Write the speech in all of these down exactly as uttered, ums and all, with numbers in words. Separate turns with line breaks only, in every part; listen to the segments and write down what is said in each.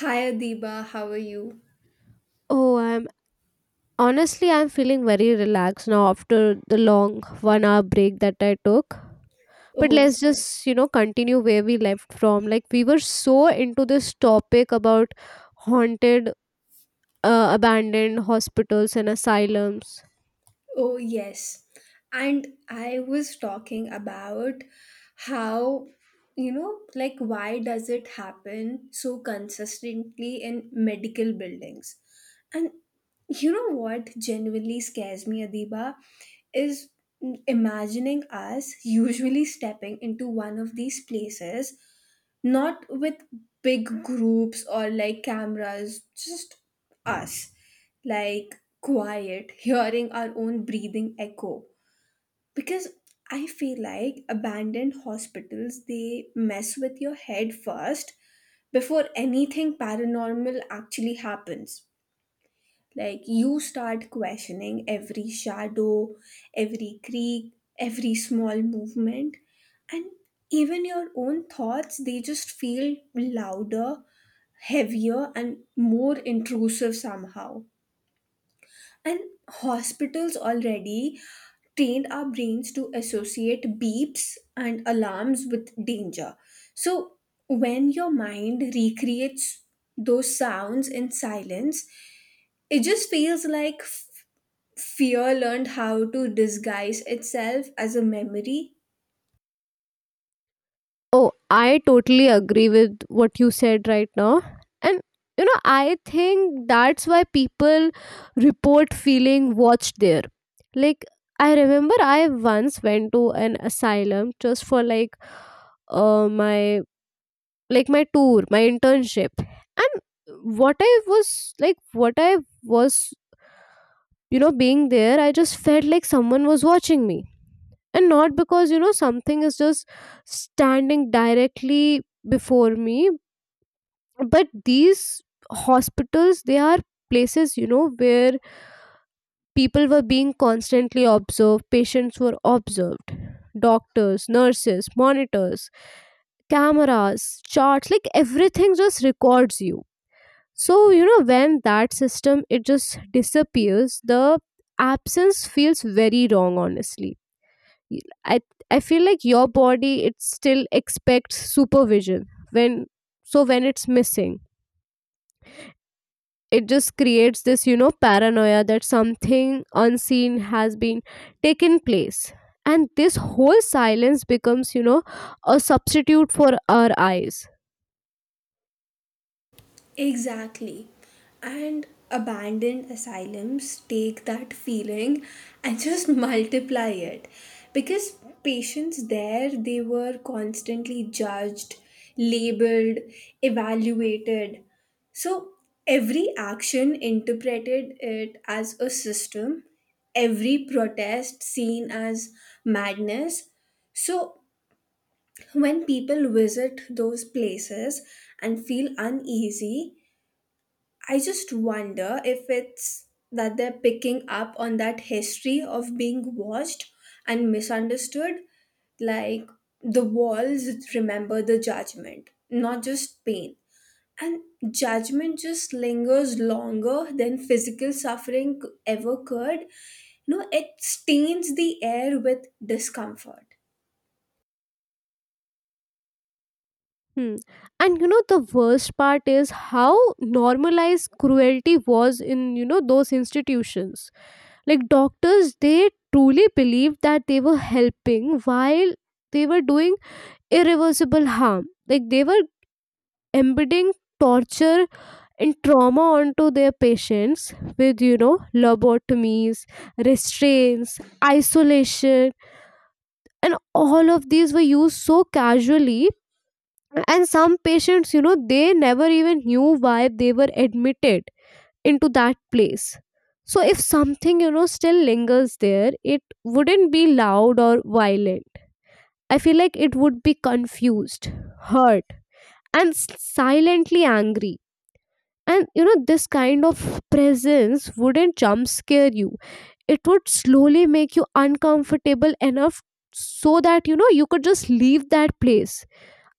Hi Adiba, how are you?
Oh, I'm honestly, I'm feeling very relaxed now after the long one hour break that I took. But
Oh,
let's just, you know, continue where we left from. Like we were so into this topic about haunted uh, abandoned hospitals and asylums.
oh yes. And I was talking about how, you know, like why does it happen so consistently in medical buildings? And you know what genuinely scares me, Adiba? Is imagining us usually stepping into one of these places, not with big groups or like cameras, just us, like quiet, hearing our own breathing echo. Because I feel like abandoned hospitals, they mess with your head first before anything paranormal actually happens. Like you start questioning every shadow, every creak, every small movement, and even your own thoughts, they just feel louder, heavier, and more intrusive somehow. And hospitals already trained our brains to associate beeps and alarms with danger. So when your mind recreates those sounds in silence, it just feels like fear learned how to disguise itself as a memory.
Oh, I totally agree with what you said right now. And you know, I think that's why people report feeling watched there. Like I remember I once went to an asylum just for like uh my like my tour, my internship. And what I was like what I was you know being there, I just felt like someone was watching me, and not because you know something is just standing directly before me. But these hospitals, they are places you know where people were being constantly observed. Patients were observed, doctors, nurses, monitors, cameras, charts, like everything just records you. So you know when that system, it just disappears, the absence feels very wrong, honestly. Y- I I feel like your body, it still expects supervision. When so when it's missing, it just creates this you know paranoia that something unseen has been taken place. And this whole silence becomes, you know a substitute for our eyes.
Exactly. And abandoned asylums take that feeling and just multiply it. Because patients there, they were constantly judged, labeled, evaluated. So every action interpreted it as a system, every protest seen as madness. So when people visit those places and feel uneasy, I just wonder if it's that they're picking up on that history of being watched and misunderstood. Like the walls remember the judgment, not just pain. And judgment just lingers longer than physical suffering ever could. No, it stains the air with discomfort.
Hmm. And you know, the worst part is how normalized cruelty was in, you know, those institutions. Like doctors, they truly believed that they were helping while they were doing irreversible harm. Like they were embedding torture and trauma onto their patients with, you know, lobotomies, restraints, isolation, and all of these were used so casually. And some patients, you know they never even knew why they were admitted into that place. So if something, you know still lingers there, it wouldn't be loud or violent. I feel like it would be confused, hurt, and s- silently angry. And you know this kind of presence wouldn't jump scare you. It would slowly make you uncomfortable enough so that, you know you could just leave that place.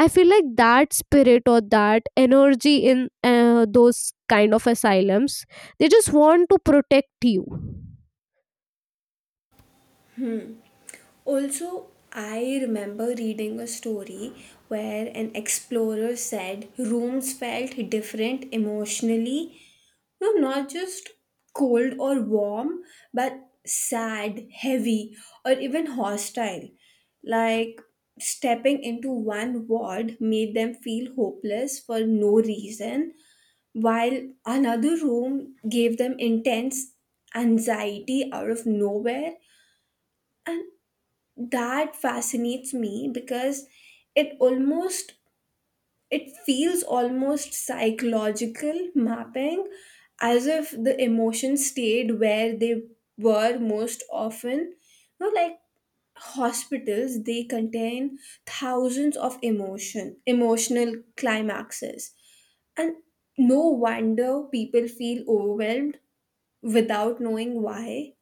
I feel like that spirit or that energy in uh, those kind of asylums, they just want to protect you.
Also, I remember reading a story where an explorer said rooms felt different emotionally. No, not just cold or warm, but sad, heavy, or even hostile. Like stepping into one ward made them feel hopeless for no reason, while another room gave them intense anxiety out of nowhere. And that fascinates me because it almost it feels almost psychological mapping, as if the emotions stayed where they were most often, you know, like hospitals they contain thousands of emotion emotional climaxes, and no wonder people feel overwhelmed without knowing why.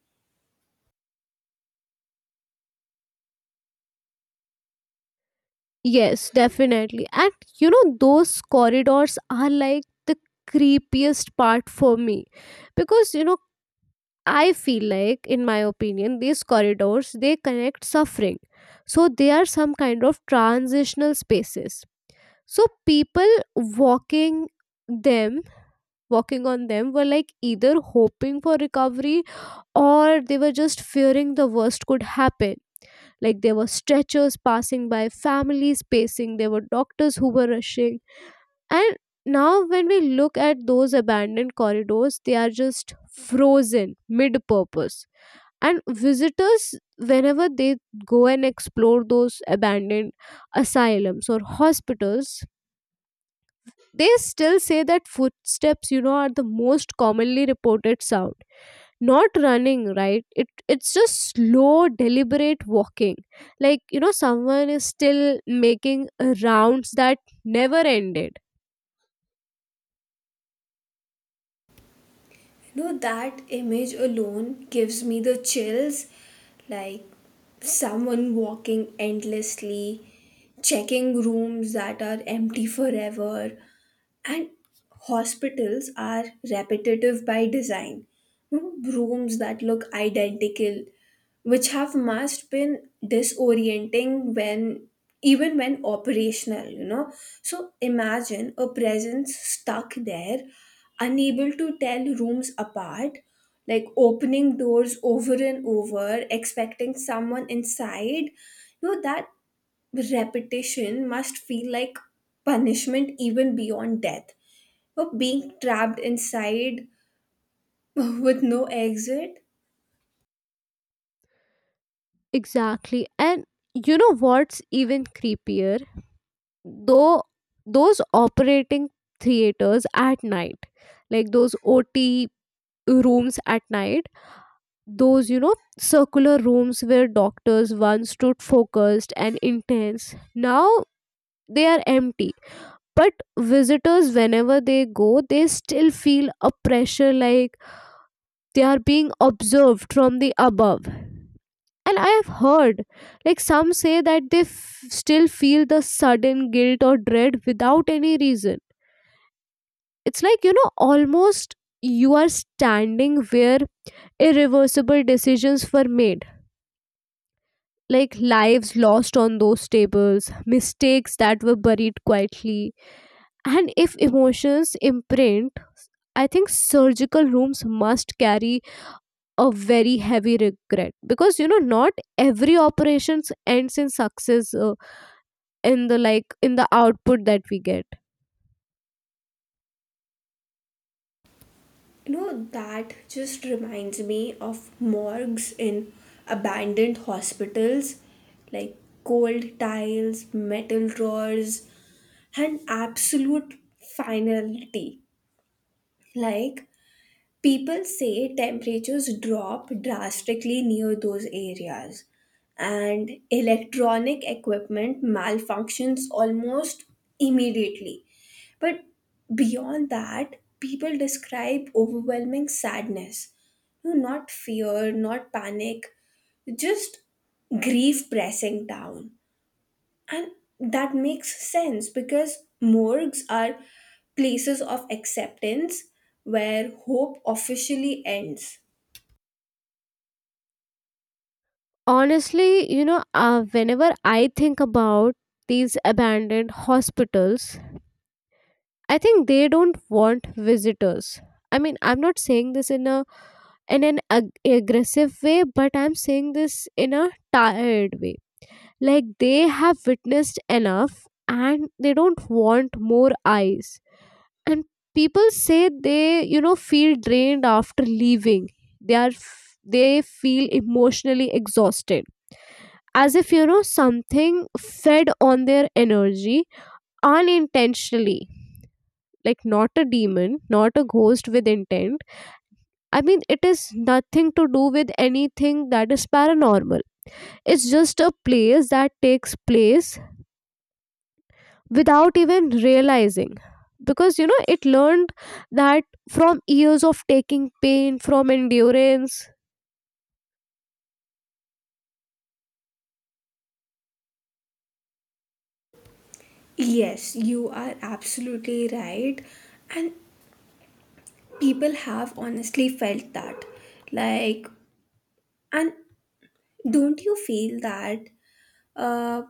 Yes, definitely. And you know, those corridors are like the creepiest part for me because, you know, I feel like, in my opinion, these corridors, they connect suffering, so they are some kind of transitional spaces. So people walking them walking on them were like either hoping for recovery, or they were just fearing the worst could happen. Like there were stretchers passing by, families pacing, there were doctors who were rushing. And now when we look at those abandoned corridors, they are just frozen mid purpose. And visitors, whenever they go and explore those abandoned asylums or hospitals, they still say that footsteps, you know, are the most commonly reported sound. Not running, right? It it's just slow, deliberate walking. Like, you know, someone is still making rounds that never ended.
You know that image alone gives me the chills, like someone walking endlessly, checking rooms that are empty forever, and hospitals are repetitive by design. You know, rooms that look identical, which have must been disorienting when even when operational, you know. So imagine a presence stuck there, unable to tell rooms apart, like opening doors over and over, expecting someone inside. You know, that repetition must feel like punishment even beyond death or being trapped inside with no exit.
Exactly. And you know what's even creepier? Though those operating theaters at night, like those O T rooms at night, those, you know circular rooms where doctors once stood focused and intense, now they are empty. But visitors, whenever they go, they still feel a pressure, like they are being observed from the above. And I have heard, like some say that they f- still feel the sudden guilt or dread without any reason. It's like, you know almost, you are standing where irreversible decisions were made, like lives lost on those tables, mistakes that were buried quietly. And if emotions imprint, I think surgical rooms must carry a very heavy regret, because you know not every operations ends in success, uh, in the like in the output that we get.
You know, that just reminds me of morgues in abandoned hospitals, like cold tiles, metal drawers, and absolute finality. Like, people say temperatures drop drastically near those areas, and electronic equipment malfunctions almost immediately. But beyond that, people describe overwhelming sadness. No, not fear, not panic, just grief pressing down. And that makes sense because morgues are places of acceptance where hope officially ends.
Honestly, you know, uh, whenever I think about these abandoned hospitals, I think they don't want visitors. I mean, I'm not saying this in a in an ag- aggressive way, but I'm saying this in a tired way. Like they have witnessed enough and they don't want more eyes. And people say they, you know, feel drained after leaving. They are f- they feel emotionally exhausted. As if, you know, something fed on their energy unintentionally, like not a demon, not a ghost with intent. I mean, it is nothing to do with anything that is paranormal. It's just a place that takes place without even realizing, because you know it learned that from years of taking pain, from endurance.
Yes, you are absolutely right. And people have honestly felt that. Like, and don't you feel that uh,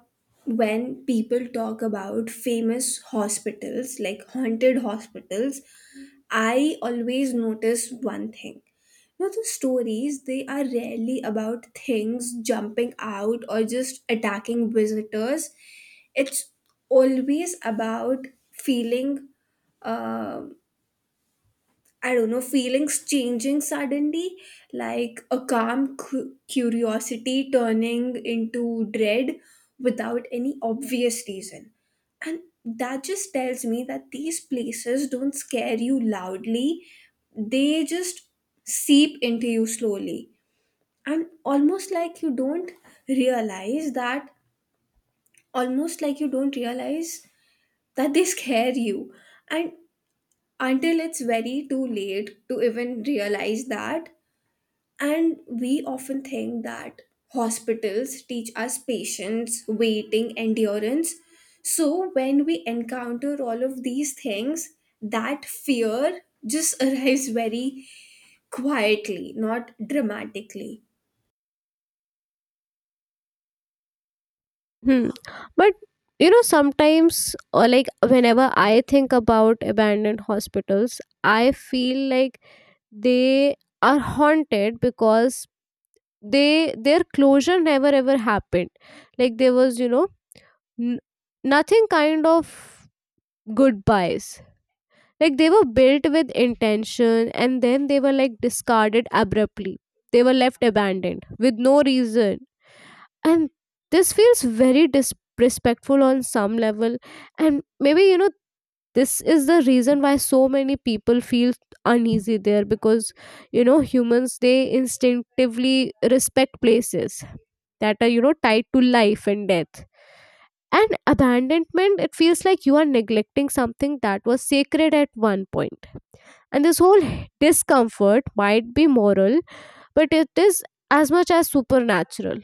when people talk about famous hospitals, like haunted hospitals, I always notice one thing. Now, the stories, they are rarely about things jumping out or just attacking visitors. It's always about feeling um I don't know, feelings changing suddenly, like a calm cu- curiosity turning into dread without any obvious reason. And that just tells me that these places don't scare you loudly, they just seep into you slowly. And almost like you don't realize that, almost like you don't realize that they scare you. And until it's very too late to even realize that. And we often think that hospitals teach us patience, waiting, endurance. So when we encounter all of these things, that fear just arrives very quietly, not dramatically.
Hmm. But you know sometimes or like whenever I think about abandoned hospitals, I feel like they are haunted because they their closure never ever happened. Like there was, you know n- nothing kind of goodbyes. Like they were built with intention and then they were like discarded abruptly. They were left abandoned with no reason. And this feels very disrespectful on some level. And maybe, you know this is the reason why so many people feel uneasy there, because you know humans, they instinctively respect places that are, you know tied to life and death. And abandonment, it feels like you are neglecting something that was sacred at one point. And this whole discomfort might be moral, but it is as much as supernatural.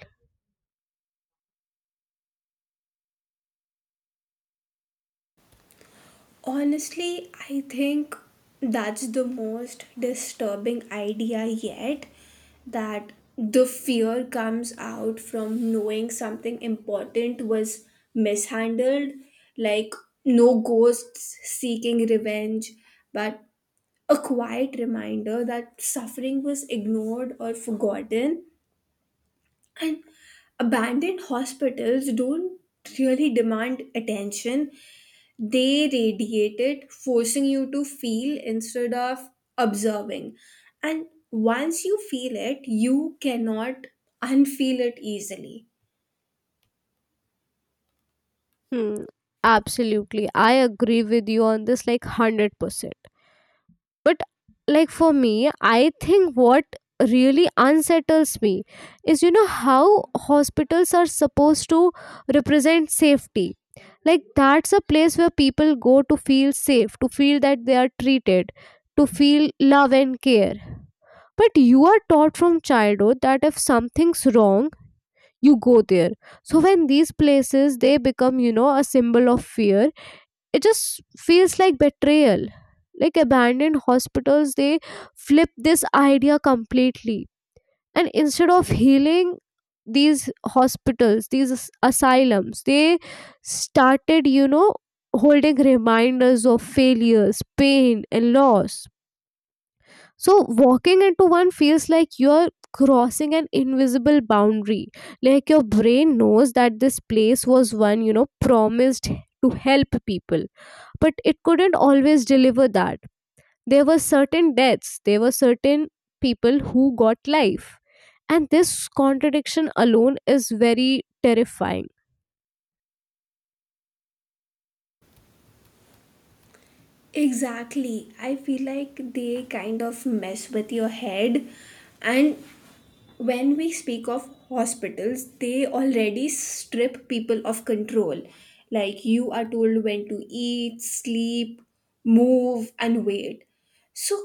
Honestly, I think that's the most disturbing idea yet, that the fear comes out from knowing something important was mishandled, like no ghosts seeking revenge, but a quiet reminder that suffering was ignored or forgotten, and abandoned hospitals don't really demand attention, they radiate it, forcing you to feel instead of observing. And once you feel it, you cannot unfeel it easily.
Hmm, absolutely. I agree with you on this like one hundred percent. But like for me, I think what really unsettles me is, you know how hospitals are supposed to represent safety. Like that's a place where people go to feel safe, to feel that they are treated, to feel love and care. But you are taught from childhood that if something's wrong, you go there. So when these places, they become, you know, a symbol of fear, it just feels like betrayal. Like abandoned hospitals, they flip this idea completely. And instead of healing, these hospitals, these as- asylums, they started, you know holding reminders of failures, pain, and loss. So walking into one feels like you're crossing an invisible boundary. Like your brain knows that this place was one, you know, promised to help people, but it couldn't always deliver that. There were certain deaths, there were certain people who got life. And this contradiction alone is very terrifying.
Exactly. I feel like they kind of mess with your head, and when we speak of hospitals, they already strip people of control. Like you are told when to eat, sleep, move, and wait. So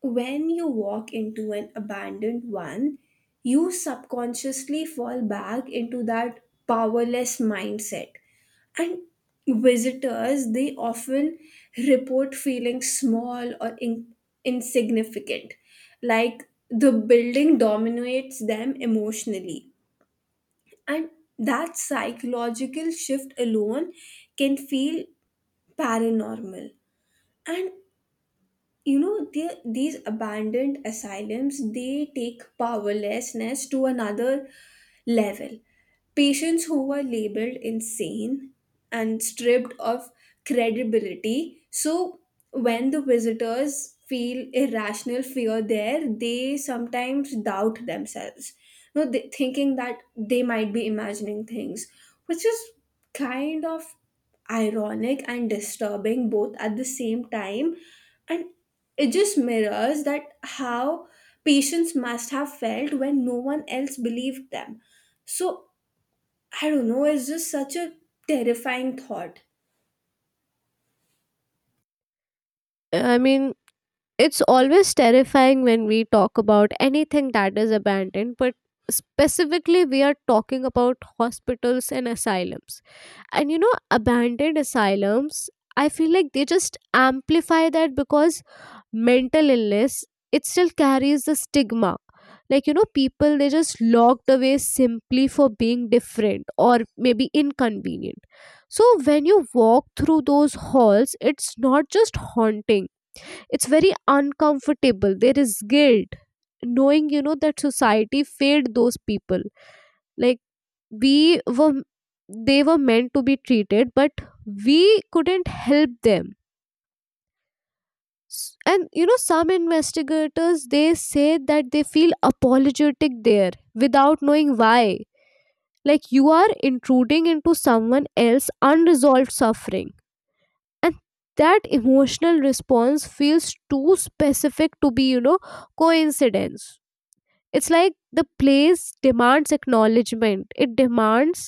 when you walk into an abandoned one, you subconsciously fall back into that powerless mindset. And visitors, they often report feeling small or in- insignificant, like the building dominates them emotionally, and that psychological shift alone can feel paranormal. And you know the, these abandoned asylums, they take powerlessness to another level. Patients who were labeled insane and stripped of credibility. So when the visitors feel irrational fear there, they sometimes doubt themselves, you know, they, thinking that they might be imagining things, which is kind of ironic and disturbing both at the same time. And it just mirrors that how patients must have felt when no one else believed them. So I don't know, it's just such a terrifying thought.
I mean, it's always terrifying when we talk about anything that is abandoned, but specifically, we are talking about hospitals and asylums. And, you know, abandoned asylums, I feel like they just amplify that, because mental illness, it still carries the stigma. Like, you know, people, they just locked away simply for being different or maybe inconvenient. So when you walk through those halls, it's not just haunting, it's very uncomfortable. There is guilt knowing, you know that society failed those people. Like we were they were meant to be treated, but we couldn't help them. S- and you know some investigators, they say that they feel apologetic there without knowing why, like you are intruding into someone else's unresolved suffering. And that emotional response feels too specific to be, you know coincidence. It's like the place demands acknowledgement. It demands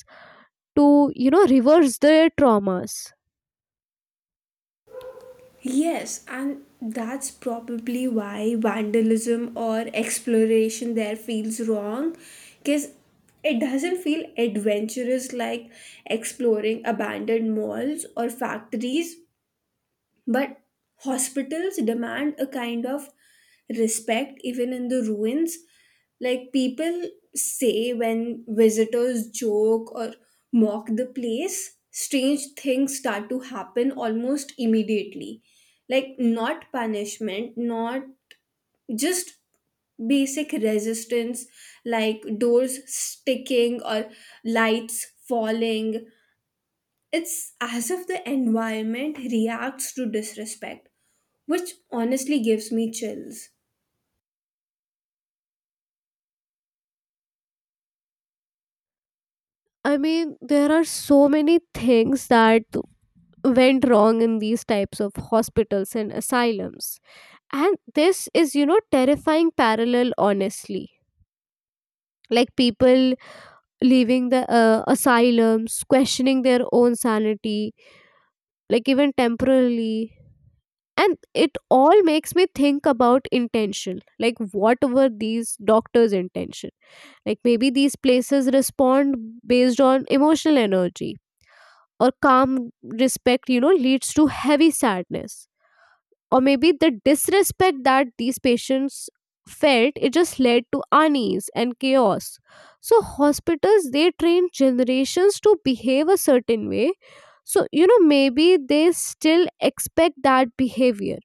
to, you know, reverse their traumas.
Yes, and that's probably why vandalism or exploration there feels wrong, because it doesn't feel adventurous like exploring abandoned malls or factories. But hospitals demand a kind of respect even in the ruins. Like people say when visitors joke or mock the place, strange things start to happen almost immediately. Like not punishment, not just basic resistance, like doors sticking or lights falling, it's as if the environment reacts to disrespect, which honestly gives me chills.
I mean, there are so many things that went wrong in these types of hospitals and asylums. And this is, you know, terrifying parallel, honestly. Like people leaving the uh, asylums, questioning their own sanity, like even temporarily. And it all makes me think about intention, like what were these doctors intention. Like maybe these places respond based on emotional energy, or calm respect, you know leads to heavy sadness. Or maybe the disrespect that these patients felt, it just led to unease and chaos. So hospitals, they train generations to behave a certain way. So, you know maybe they still expect that behavior,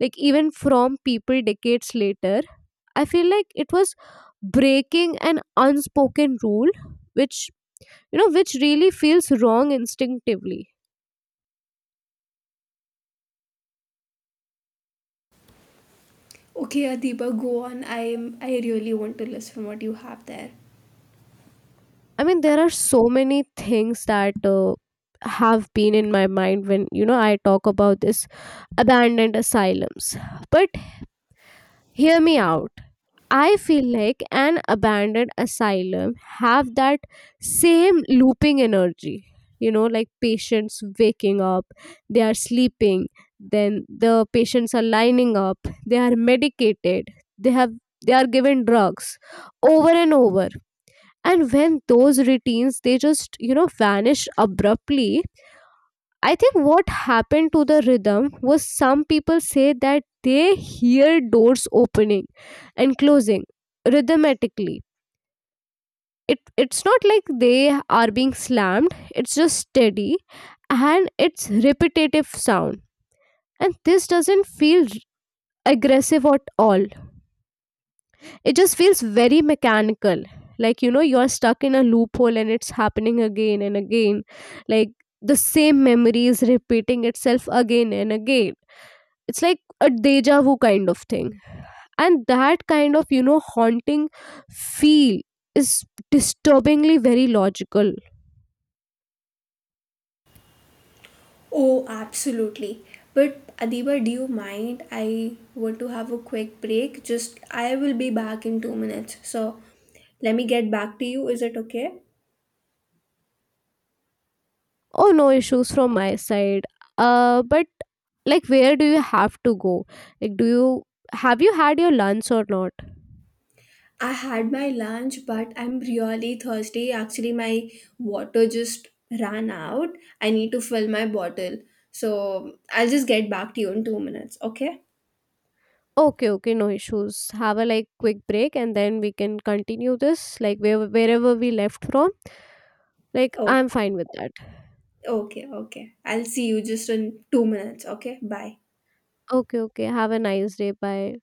like even from people decades later. I feel like it was breaking an unspoken rule, which you know which really feels wrong instinctively.
Okay, Adiba, go on. I'm I really want to listen what you have there.
I mean, there are so many things that uh, have been in my mind when, you know I talk about this abandoned asylums. But hear me out. I feel like an abandoned asylum have that same looping energy. You know, like patients waking up, they are sleeping, then the patients are lining up, they are medicated, they have they are given drugs over and over. And when those routines, they just, you know, vanish abruptly, I think what happened to the rhythm was some people say that they hear doors opening and closing rhythmically. It, it's not like they are being slammed, it's just steady and it's repetitive sound. And this doesn't feel r- aggressive at all. It just feels very mechanical. Like, you know, you're stuck in a loophole and it's happening again and again. Like, the same memory is repeating itself again and again. It's like a deja vu kind of thing, and that kind of, you know haunting feel is disturbingly very logical.
Oh, absolutely. But Adiba, do you mind? I want to have a quick break. Just I will be back in two minutes. So let me get back to you. Is it okay?
Oh, no issues from my side, uh but like where do you have to go, like do you have you had your lunch or not?
I had my lunch, but I'm really thirsty. Actually, my water just ran out. I need to fill my bottle. So I'll just get back to you in two minutes. Okay?
Okay, okay, no issues. Have a like quick break, and then we can continue this like where, wherever we left from. Like I'm
Okay.
fine with that.
Okay. Okay. I'll see you just in two minutes. Okay? Bye.
Okay, okay, have a nice day. Bye.